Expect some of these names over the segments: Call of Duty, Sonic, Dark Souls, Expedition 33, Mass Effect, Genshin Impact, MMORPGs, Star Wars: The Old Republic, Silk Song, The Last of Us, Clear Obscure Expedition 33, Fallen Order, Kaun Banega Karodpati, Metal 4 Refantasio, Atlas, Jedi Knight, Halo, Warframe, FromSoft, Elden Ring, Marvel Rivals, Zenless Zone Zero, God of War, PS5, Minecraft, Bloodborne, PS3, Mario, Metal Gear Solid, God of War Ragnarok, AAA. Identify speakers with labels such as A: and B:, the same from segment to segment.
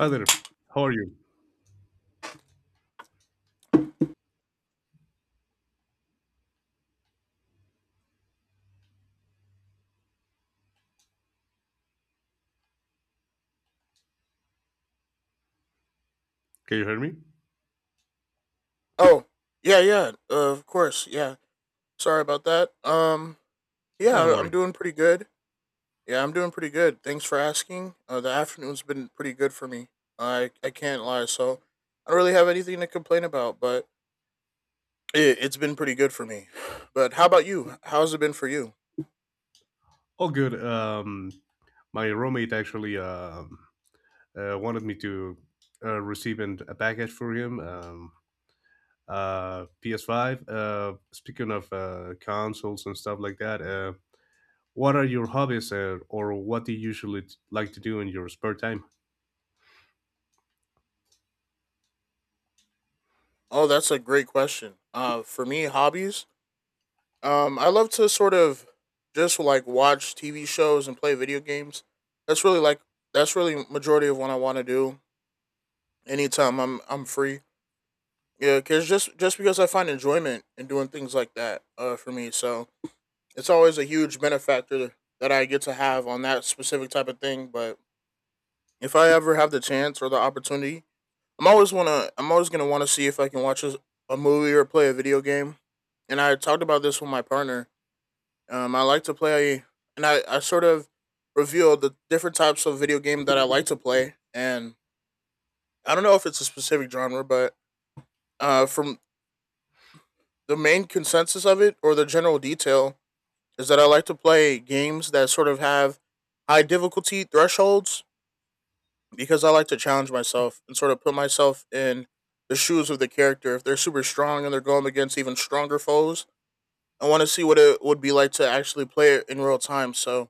A: Hi there. How are you? Can you hear me?
B: Oh, yeah, yeah, of course. Yeah. Sorry about that. Yeah,
A: Yeah, don't
B: I'm
A: worry.
B: doing pretty good. Yeah, I'm doing pretty good. Thanks for asking. The afternoon's been pretty good for me. I can't lie. So I don't really have anything to complain about, but it's been pretty good for me. But how about you? How's it been for you?
A: All good. My roommate actually wanted me to receive a package for him. PS5. Speaking of consoles and stuff like that, what are your hobbies or what do you usually like to do in your spare time?
B: Oh, that's a great question. For me, hobbies. I love to sort of just like watch TV shows and play video games. That's really like that's really majority of what I want to do anytime I'm free. Yeah, cause just because I find enjoyment in doing things like that, for me, so it's always a huge benefactor that I get to have on that specific type of thing. But if I ever have the chance or the opportunity, I'm always gonna want to see if I can watch a movie or play a video game. And I talked about this with my partner. I like to play, and I sort of revealed the different types of video game that I like to play, and I don't know if it's a specific genre, but from the main consensus of it or the general detail is that I like to play games that sort of have high difficulty thresholds because I like to challenge myself and sort of put myself in the shoes of the character. If they're super strong and they're going against even stronger foes, I want to see what it would be like to actually play it in real time. So,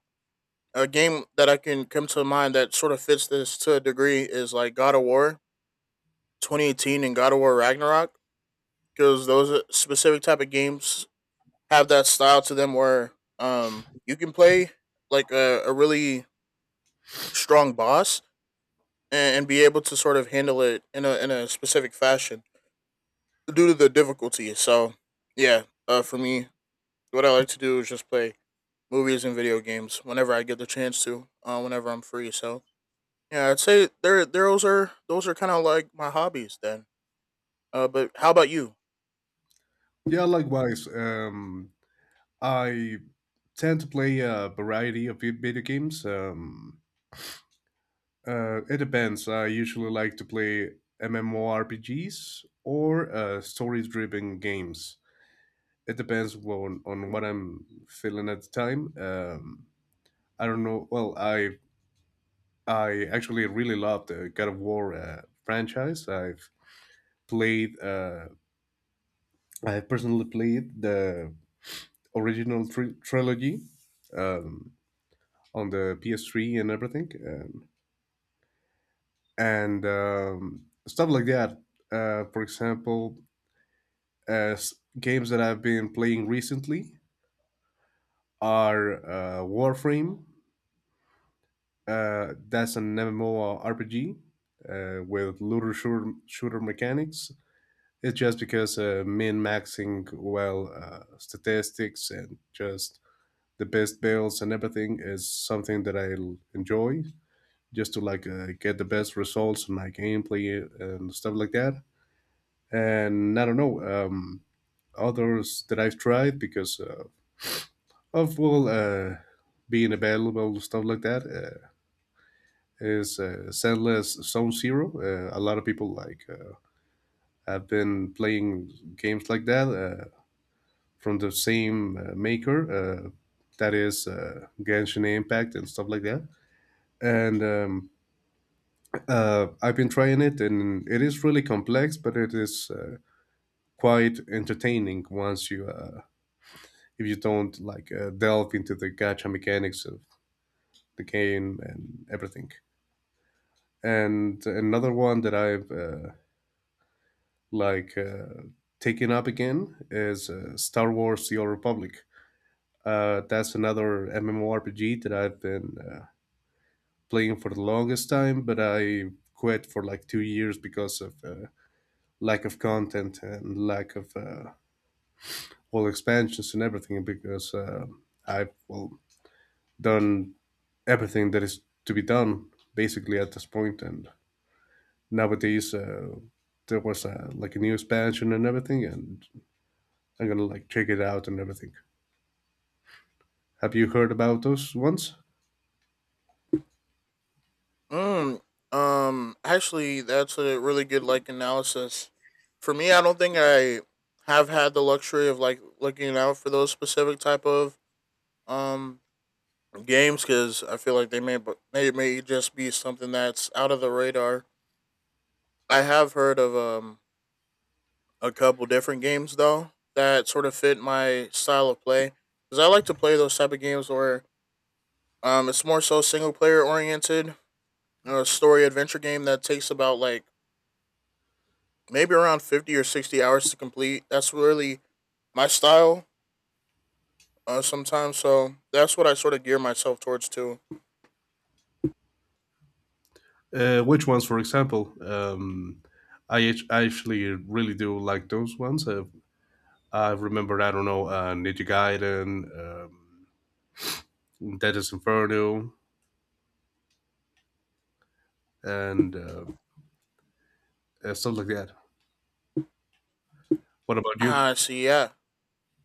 B: a game that I can come to mind that sort of fits this to a degree is like God of War 2018 and God of War Ragnarok, because those specific type of games have that style to them where you can play like a really strong boss, and be able to sort of handle it in a specific fashion due to the difficulty. So yeah, for me, what I like to do is just play movies and video games whenever I get the chance to, whenever I'm free. So yeah, I'd say there those are kind of like my hobbies then. But how about you?
A: Yeah, likewise. I tend to play a variety of video games. It depends. I usually like to play MMORPGs or story-driven games. It depends on what I'm feeling at the time. I don't know. Well, I actually really love the God of War franchise. I've played. I personally played the original trilogy, um, on the PS3 and everything, and stuff like that. Uh, for example, As games that I've been playing recently are Warframe. That's an MMORPG with looter shooter mechanics. It's just because min maxing well statistics and just the best builds and everything is something that I enjoy just to like get the best results in my gameplay and stuff like that. And I don't know, others that I've tried because of being available stuff like that is Zenless Zone Zero. A lot of people have been playing games like that from the same maker. Uh, that is Genshin Impact and stuff like that. And I've been trying it, and it is really complex, but it is quite entertaining once you if you don't like delve into the gacha mechanics of the game and everything. And another one that I've like uh, taken up again is Star Wars: The Old Republic. That's another MMORPG that I've been playing for the longest time, but I quit for like 2 years because of lack of content and lack of all expansions and everything. Because I've well done everything that is to be done basically at this point, and nowadays there was like a new expansion and everything, and I'm gonna like check it out and everything. Have you heard about those ones?
B: Mm, actually, that's a really good like analysis. For me, I don't think I have had the luxury of like looking out for those specific type of um games, because I feel like they may just be something that's out of the radar. I have heard of a couple different games though that sort of fit my style of play, because I like to play those type of games where it's more so single player oriented, a story adventure game that takes about like maybe around 50 or 60 hours to complete. That's really my style sometimes. So that's what I sort of gear myself towards too.
A: Which ones, for example? I actually really do like those ones. I remember, I don't know, Ninja Gaiden, um, Deadest Inferno, and stuff like that. What about you?
B: See, yeah.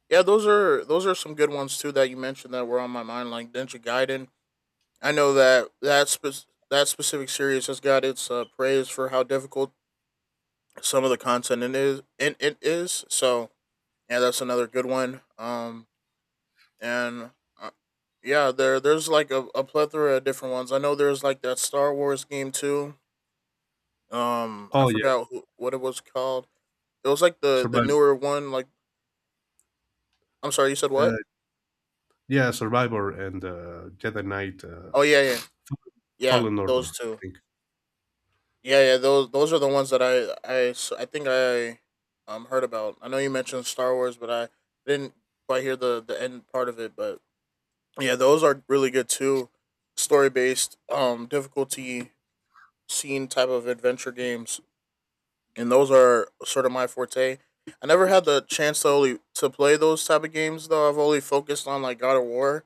B: Yeah, those are some good ones too that you mentioned that were on my mind, like Ninja Gaiden. I know that specific series has got its praise for how difficult some of the content it is. It is so yeah, that's another good one. And uh, yeah, there's like a plethora of different ones. I know there's like that Star Wars game too. I
A: Oh yeah,
B: forgot what it was called. It was like the
A: Survivor.
B: newer one. Like, I'm sorry, you said
A: Uh,
B: what?
A: yeah, Survivor and Jedi Knight,
B: Oh yeah, yeah, yeah.
A: Fallen Order,
B: Those
A: I
B: two.
A: think.
B: Yeah, yeah. Those are the ones that I think I heard about. I know you mentioned Star Wars, but I didn't quite hear the end part of it. But yeah, those are really good too. Story based, difficulty scene type of adventure games, and those are sort of my forte. I never had the chance to only to play those type of games though. I've only focused on like God of War,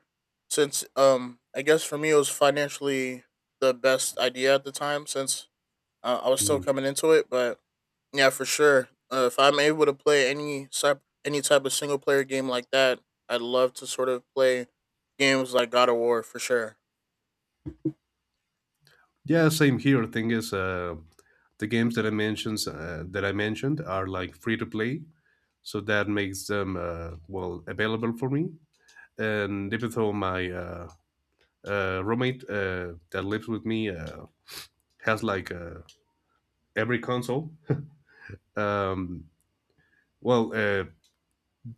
B: since I guess for me it was financially the best idea at the time since I was still
A: Mm-hmm.
B: coming into it. But yeah, for sure, if I'm able to play any type of single player game like that, I'd love to sort of play games like God of War for sure.
A: Yeah, same here. Thing is, the games that I mentioned are like free to play, so that makes them well available for me. And even though my roommate that lives with me has every console, um, well, uh,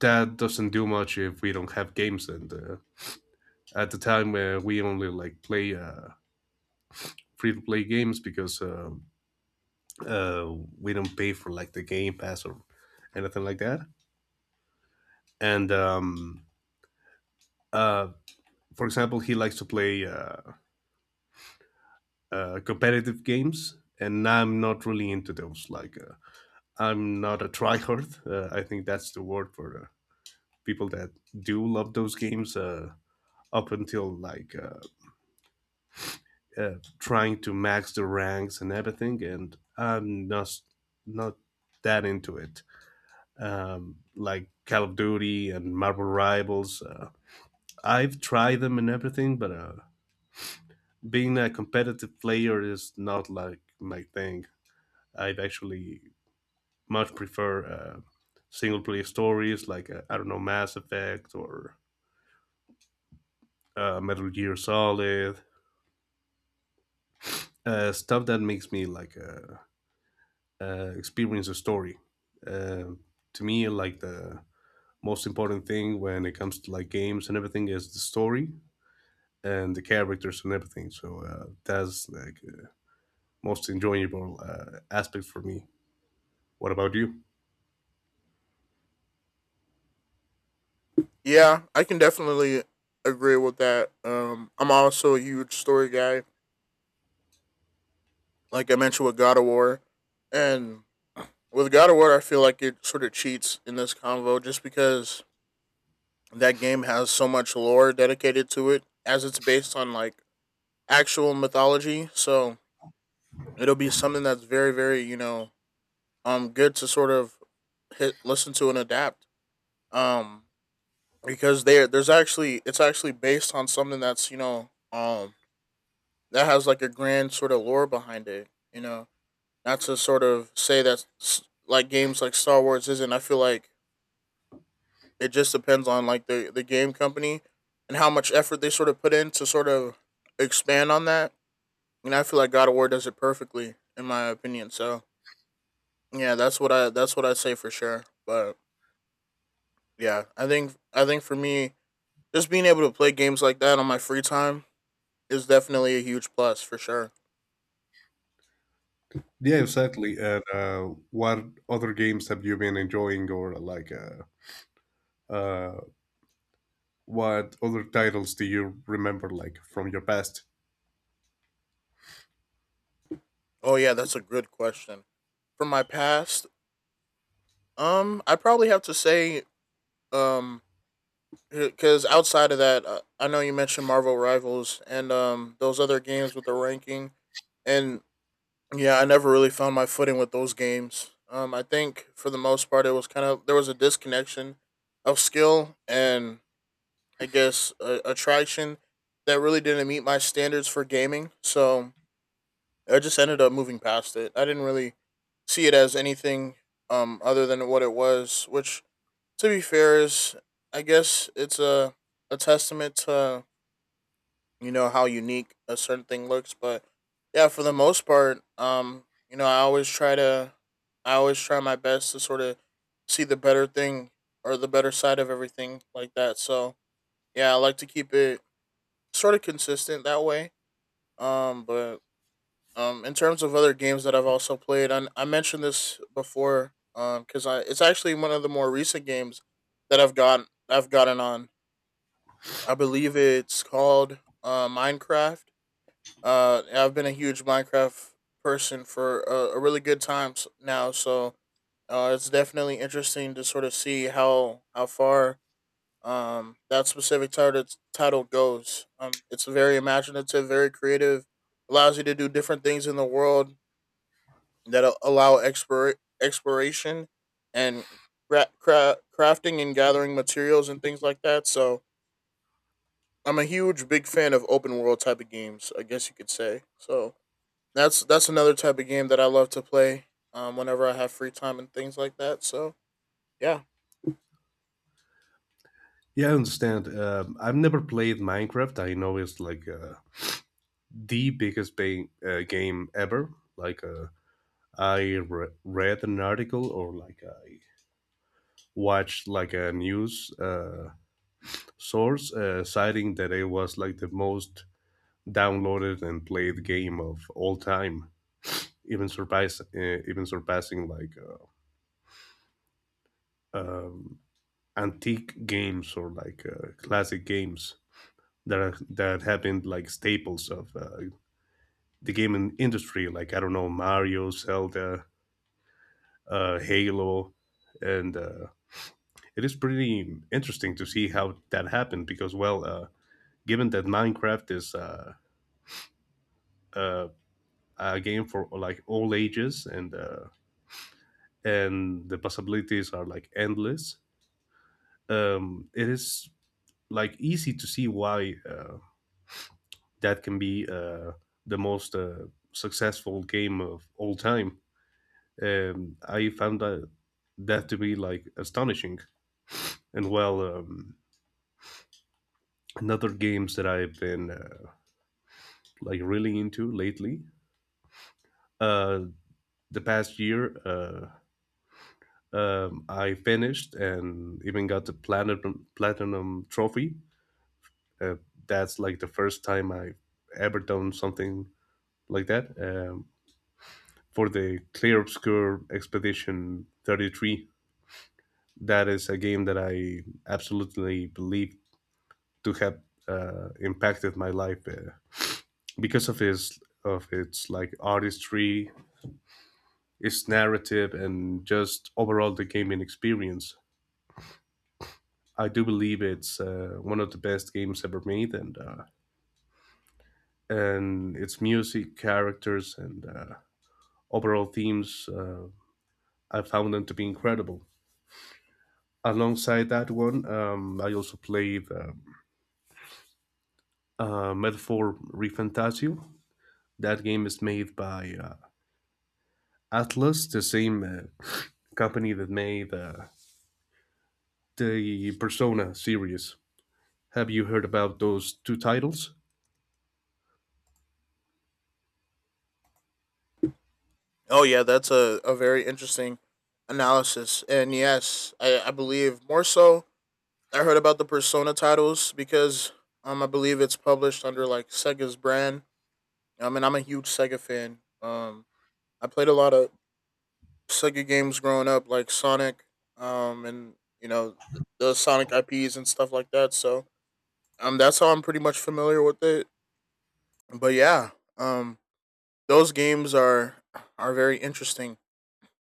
A: that doesn't do much if we don't have games. And at the time, we only like play. Free to play games because uh, we don't pay for like the game pass or anything like that, and uh, for example, he likes to play competitive games, and I'm not really into those. I'm not a tryhard. I think that's the word for people that do love those games. Up until like Trying to max the ranks and everything, and I'm not that into it. Like Call of Duty and Marvel Rivals, I've tried them and everything, but being a competitive player is not like my thing. I'd actually much prefer single player stories like, I don't know, Mass Effect or Metal Gear Solid, stuff that makes me experience a story. Uh, to me, like the most important thing when it comes to like games and everything is the story and the characters and everything. So that's like most enjoyable aspect for me. What about you?
B: Yeah, I can definitely agree with that. I'm also a huge story guy like I mentioned with God of War, and with God of War, I feel like it sort of cheats in this convo, just because that game has so much lore dedicated to it, as it's based on like actual mythology. So it'll be something that's very, very good to sort of hit listen to and adapt. Um, because there there's actually it's actually based on something that's that has like a grand sort of lore behind it. You know, not to sort of say like games like Star Wars isn't. I feel like it just depends on like the game company and how much effort they sort of put in to sort of expand on that. And I feel like God of War does it perfectly in my opinion. So yeah, that's what I say for sure. But yeah, I think for me, just being able to play games like that on my free time is definitely a huge plus for sure.
A: Yeah, exactly. And what other games have you been enjoying, or like, uh, what other titles do you remember, like from your past?
B: Oh yeah, that's a good question. From my past, I probably have to say um because outside of that, I know you mentioned Marvel Rivals and those other games with the ranking, and yeah, I never really found my footing with those games. I think for the most part, it was kind of there was a disconnection of skill and I guess attraction that really didn't meet my standards for gaming. So I just ended up moving past it. I didn't really see it as anything other than what it was, which to be fair is I guess it's a testament to how unique a certain thing looks. But yeah, for the most part, you know, I always try to, I always try my best to sort of see the better thing or the better side of everything like that. So yeah, I like to keep it sort of consistent that way. But in terms of other games that I've also played, I mentioned this before, because I it's actually one of the more recent games that I've gotten on. I believe it's called Minecraft. I've been a huge Minecraft person for a really good time now, so it's definitely interesting to sort of see how far that specific title goes. It's very imaginative, very creative, allows you to do different things in the world that exploration and crafting and gathering materials and things like that. So I'm a huge big fan of open world type of games, I guess you could say. So that's another type of game that I love to play. Whenever I have free time and things like that. So yeah.
A: Yeah, I understand. I've never played Minecraft. I know it's like the biggest game ever. Like, uh, read an article, or like I watched like a news source citing that it was like the most downloaded and played game of all time, even surpass uh, even surpassing um, antique games or classic games that have been like staples of the gaming industry. Like, I don't know, Mario, Zelda, Halo, and it is pretty interesting to see how that happened because given that Minecraft is uh, a game for like all ages, and the possibilities are like endless, it is like easy to see why that can be the most successful game of all time. I found that to be like astonishing. And well, another games that I've been like really into lately. Uh, the past year, I finished and even got the platinum trophy. Uh, that's like the first time I ever done something like that. For the Clear Obscure Expedition 33. That is a game that I absolutely believe to have impacted my life because of its like artistry, its narrative, and just overall the gaming experience. I do believe it's one of the best games ever made, and its music, characters, and overall themes. I found them to be incredible. Alongside that one, I also played Metal 4 Refantasio. That game is made by Atlas, the same company that made the Persona series. Have you heard about those two titles?
B: Oh yeah, that's a very interesting analysis. And yes, I believe more so I heard about the Persona titles because I believe it's published under like Sega's brand. I mean I'm a huge Sega fan. I played a lot of Sega games growing up, like Sonic, and you know the Sonic IPs and stuff like that. So that's how I'm pretty much familiar with it. But yeah, um, those games are very interesting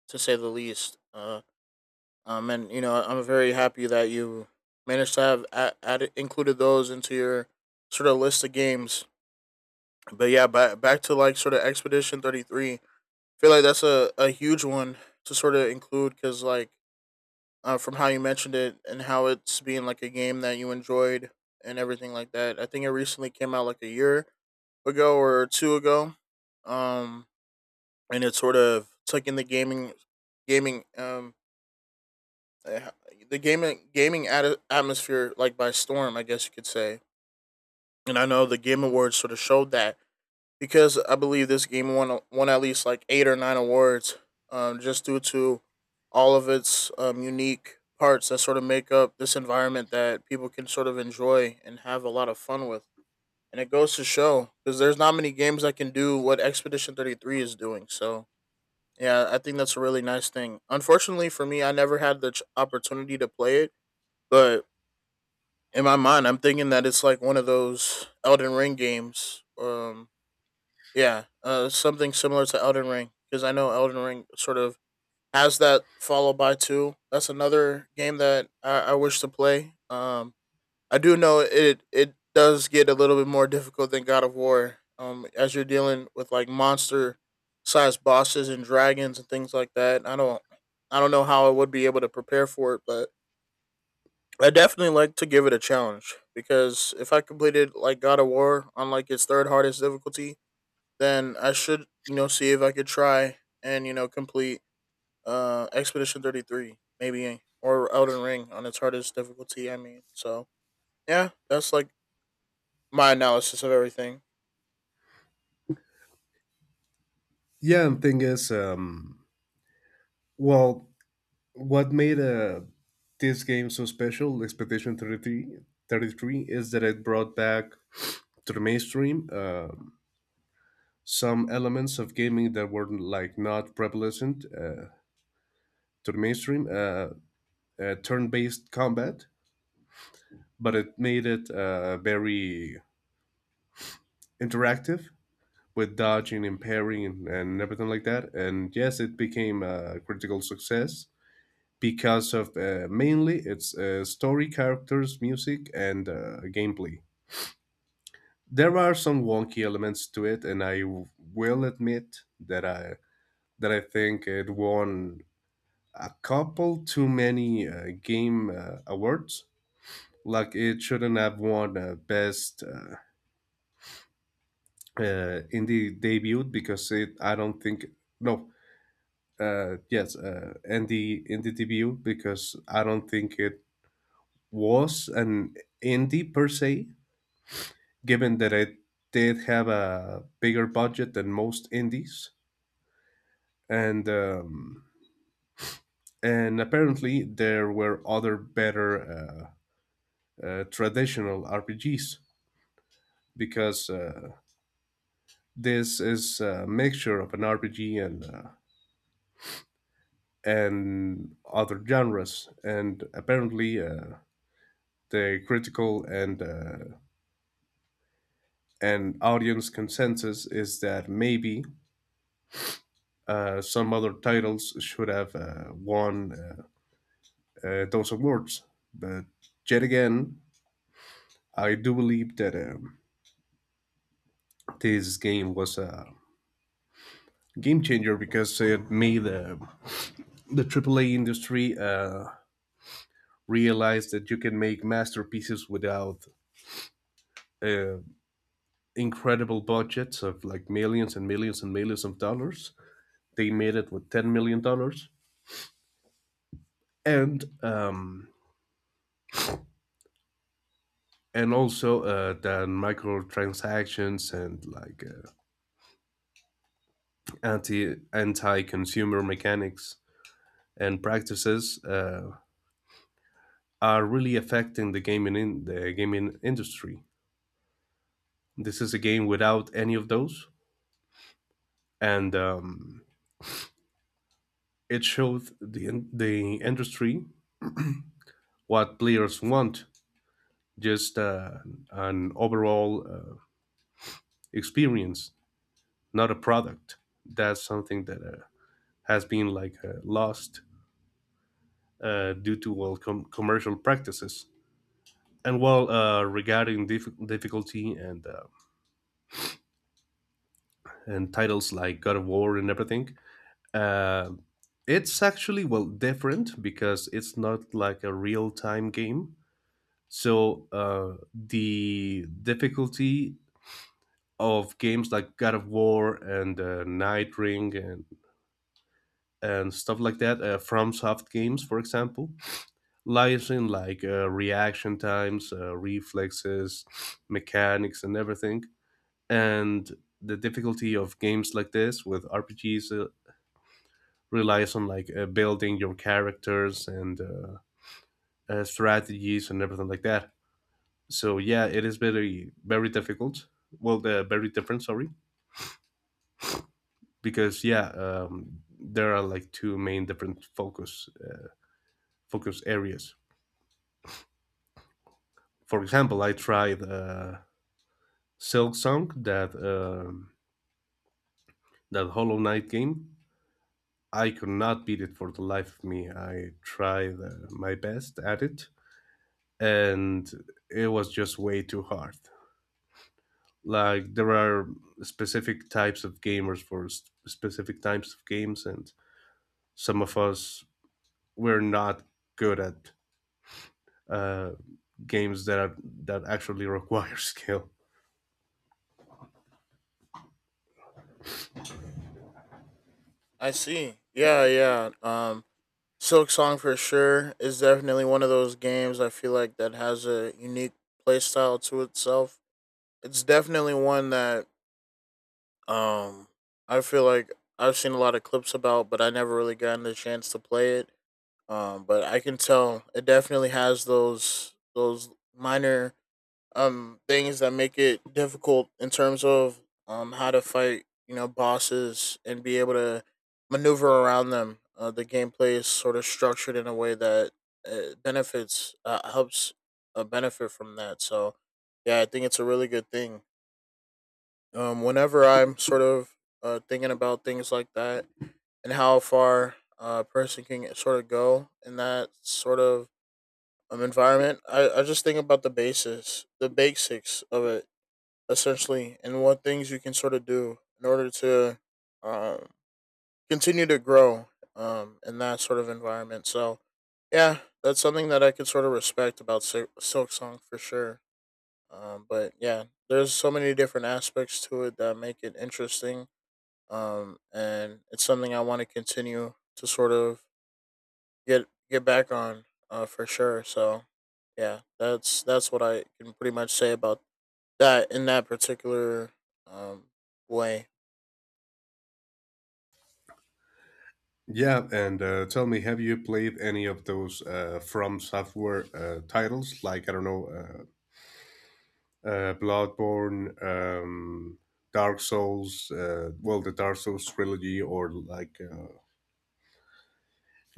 B: to say the least. And you know, I'm very happy that you managed to included those into your sort of list of games. But yeah, back to like sort of Expedition 33. I feel like that's a huge one to sort of include, because like from how you mentioned it and how it's being like a game that you enjoyed and everything like that. I think it recently came out like a year ago or two ago. Um, and it sort of took in gaming um uh, the gaming atmosphere like by storm, I guess you could say. And I know the Game Awards sort of showed that, because I believe this game won at least like 8 or 9 awards, just due to all of its unique parts that sort of make up this environment that people can sort of enjoy and have a lot of fun with. And it goes to show, because there's not many games that can do what Expedition 33 is doing. So yeah, I think that's a really nice thing. Unfortunately for me, I never had the opportunity to play it, but in my mind, I'm thinking that it's like one of those Elden Ring games. Yeah, Something similar to Elden Ring, because I know Elden Ring sort of has that followed by two. That's another game that I wish to play. I do know it does get a little bit more difficult than God of War. As you're dealing with like monster sized bosses and dragons and things like that. I don't know how I would be able to prepare for it, but I definitely like to give it a challenge, because if I completed like God of War on like its third hardest difficulty, then I should, you know, see if I could try and, you know, complete Expedition 33 maybe, or Elden Ring on its hardest difficulty, I mean. So, yeah, that's like my analysis of everything.
A: Yeah, and thing is, well, what made this game so special, Expedition Thirty Three, is that it brought back to the mainstream some elements of gaming that were like not prevalent to the mainstream. Turn-based combat, but it made it very interactive with dodging and parrying and everything like that. And yes, it became a critical success because of mainly its story, characters, music, and gameplay. There are some wonky elements to it, and will admit that I think it won a couple too many game awards. Like it shouldn't have won best indie debut because it. I don't think no. Yes, indie debut because I don't think it was an indie per se. Given that it did have a bigger budget than most indies, and um, and apparently there were other better traditional RPGs because this is a mixture of an RPG and other genres, and apparently the critical and audience consensus is that maybe some other titles should have won those awards, but yet again, I do believe that this game was a game changer because it made the AAA industry realized that you can make masterpieces without uh, incredible budgets of like millions and millions and millions of dollars. They made it with $10 million, and and also that microtransactions and anti consumer mechanics and practices are really affecting the gaming industry. This is a game without any of those, and it showed the industry what players want, just an overall experience, not a product. That's something that has been like lost due to well commercial practices. And well, regarding difficulty and titles like God of War and everything, uh, it's actually well different because it's not like a real time game. So the difficulty of games like God of War and Night Ring and stuff like that, from soft games, for example, lies in like reaction times, reflexes, mechanics, and everything. And the difficulty of games like this with RPGs relies on like building your characters and strategies and everything like that. So yeah, it is very very difficult. Well, very different. Sorry because yeah, there are like two main different focus areas. For example, I tried Silk Song, that Hollow Knight game. I could not beat it for the life of me. I tried my best at it, and it was just way too hard. Like, there are specific types of gamers for specific types of games, and some of us we're not good at uh, games that actually require skill.
B: I see. Yeah, yeah. Silk Song for sure is definitely one of those games, I feel like, that has a unique playstyle to itself. It's definitely one that um I feel like I've seen a lot of clips about, but I never really gotten the chance to play it. But I can tell it definitely has those minor things that make it difficult in terms of how to fight, you know, bosses, and be able to maneuver around them. The gameplay is sort of structured in a way that uh, benefits uh, helps benefit from that. So yeah, I think it's a really good thing. Whenever I'm sort of thinking about things like that and how far a person can sort of go in that sort of environment, I just think about the basis, the basics of it essentially, and what things you can sort of do in order to um, continue to grow in that sort of environment. So, yeah, that's something that I could sort of respect about Silk Song for sure. But yeah, there's so many different aspects to it that make it interesting, and it's something I want to continue to sort of get back on for sure. So, yeah, that's what I can pretty much say about that in that particular um way?
A: Yeah, and tell me, have you played any of those From Software titles? Like I don't know, Bloodborne, Dark Souls, well, the Dark Souls trilogy, or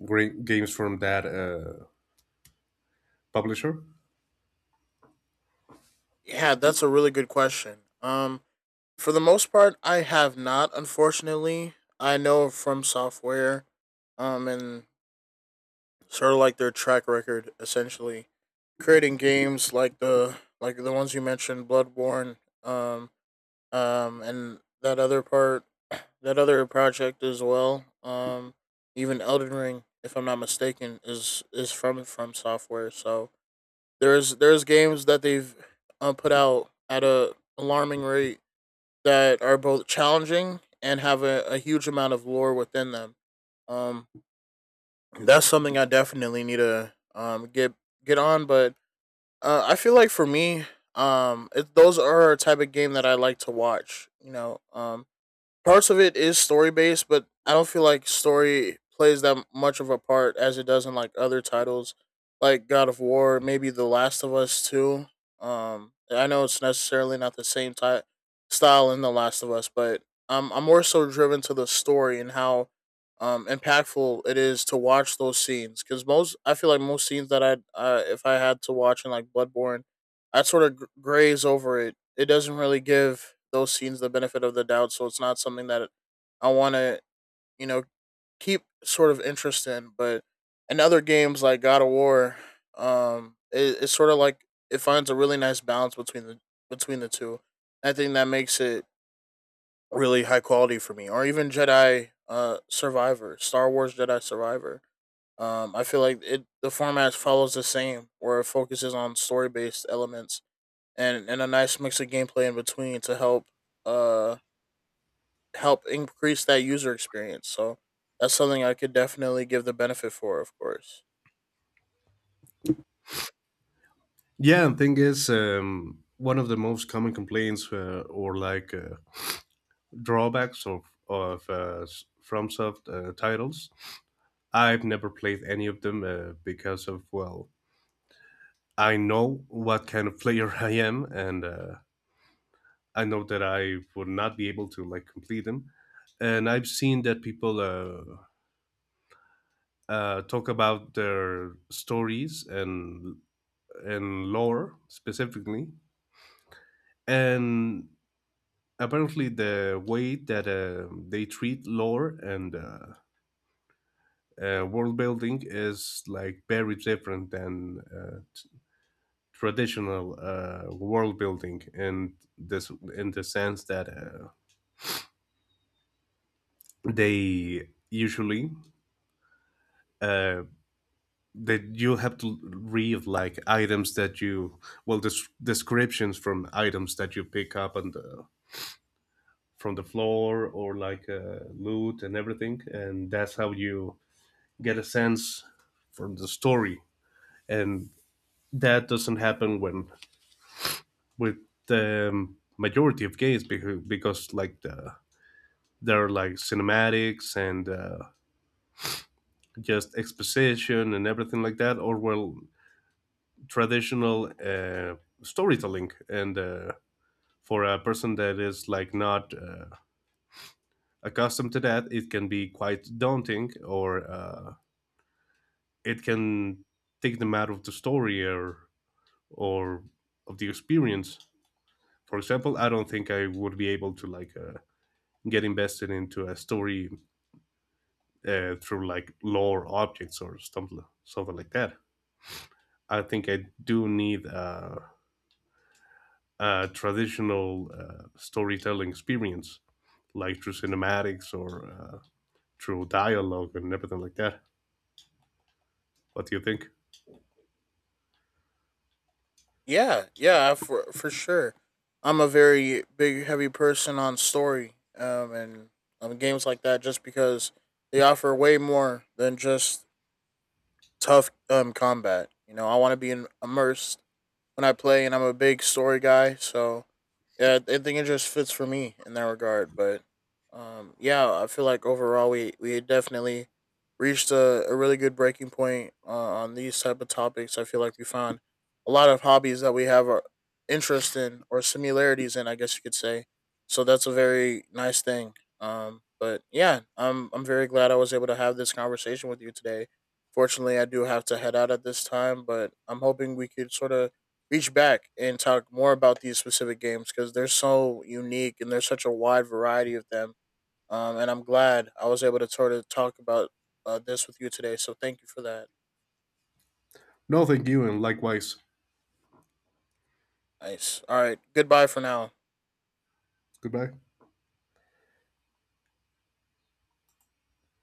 A: great games from that publisher.
B: Yeah, that's a really good question. For the most part I have not, unfortunately. I know from software and sort of like their track record, essentially creating games like the ones you mentioned: Bloodborne, um and that other part, that other project as well. Um, even Elden Ring, if I'm not mistaken, is from software. So there's games that they've put out at a alarming rate that are both challenging and have a huge amount of lore within them. Um, that's something I definitely need to get on. But I feel like for me, it, those are a type of game that I like to watch. You know, parts of it is story based, but I don't feel like story plays that much of a part as it does in like other titles, like God of War, maybe The Last of Us too. I know it's necessarily not the same type style in The Last of Us, but I'm more so driven to the story and how impactful it is to watch those scenes, because most I feel like most scenes that I if I had to watch in like Bloodborne, I sort of graze over it. It doesn't really give those scenes the benefit of the doubt, so it's not something that I want to, you know, keep sort of interest in. But in other games like God of War, it, it's sort of like it finds a really nice balance between the two. I think that makes it really high quality for me. Or even Jedi Survivor, Star Wars Jedi Survivor. I feel like it the format follows the same, where it focuses on story based elements and a nice mix of gameplay in between to help uh help increase that user experience. So that's something I could definitely give the benefit for, of course.
A: Yeah, and thing is, one of the most common complaints or drawbacks of FromSoft titles. I've never played any of them because of well, I know what kind of player I am, and I know that I would not be able to like complete them. And I've seen that people talk about their stories and lore specifically, and apparently the way that they treat lore and world building is like very different than traditional world building in this in the sense that they usually uh, that you have to read like items that you descriptions from items that you pick up on the from the floor or loot and everything, and that's how you get a sense from the story, and that doesn't happen when with the majority of games because like there are like cinematics and just exposition and everything like that, or well, traditional storytelling. And for a person that is like not accustomed to that, it can be quite daunting, or it can take them out of the story or of the experience. For example, I don't think I would be able to like get invested into a story through like lore objects or something like that. I think I do need a traditional storytelling experience, like through cinematics or through dialogue and everything like that. What do you think?
B: Yeah, yeah, for sure. I'm a very big heavy person on story and games like that, just because they offer way more than just tough combat. You know, I want to be in, immersed when I play, and I'm a big story guy. So yeah, I think it just fits for me in that regard. But yeah, I feel like overall we definitely reached a really good breaking point on these type of topics. I feel like we found a lot of hobbies that we have our interest in, or similarities in, I guess you could say. So that's a very nice thing. But yeah, I'm very glad I was able to have this conversation with you today. Fortunately, I do have to head out at this time, but I'm hoping we could sort of reach back and talk more about these specific games, because they're so unique and there's such a wide variety of them. And I'm glad I was able to sort of talk about this with you today. So thank you for that.
A: No, thank you, and likewise.
B: Nice. All right. Goodbye for now.
A: Goodbye.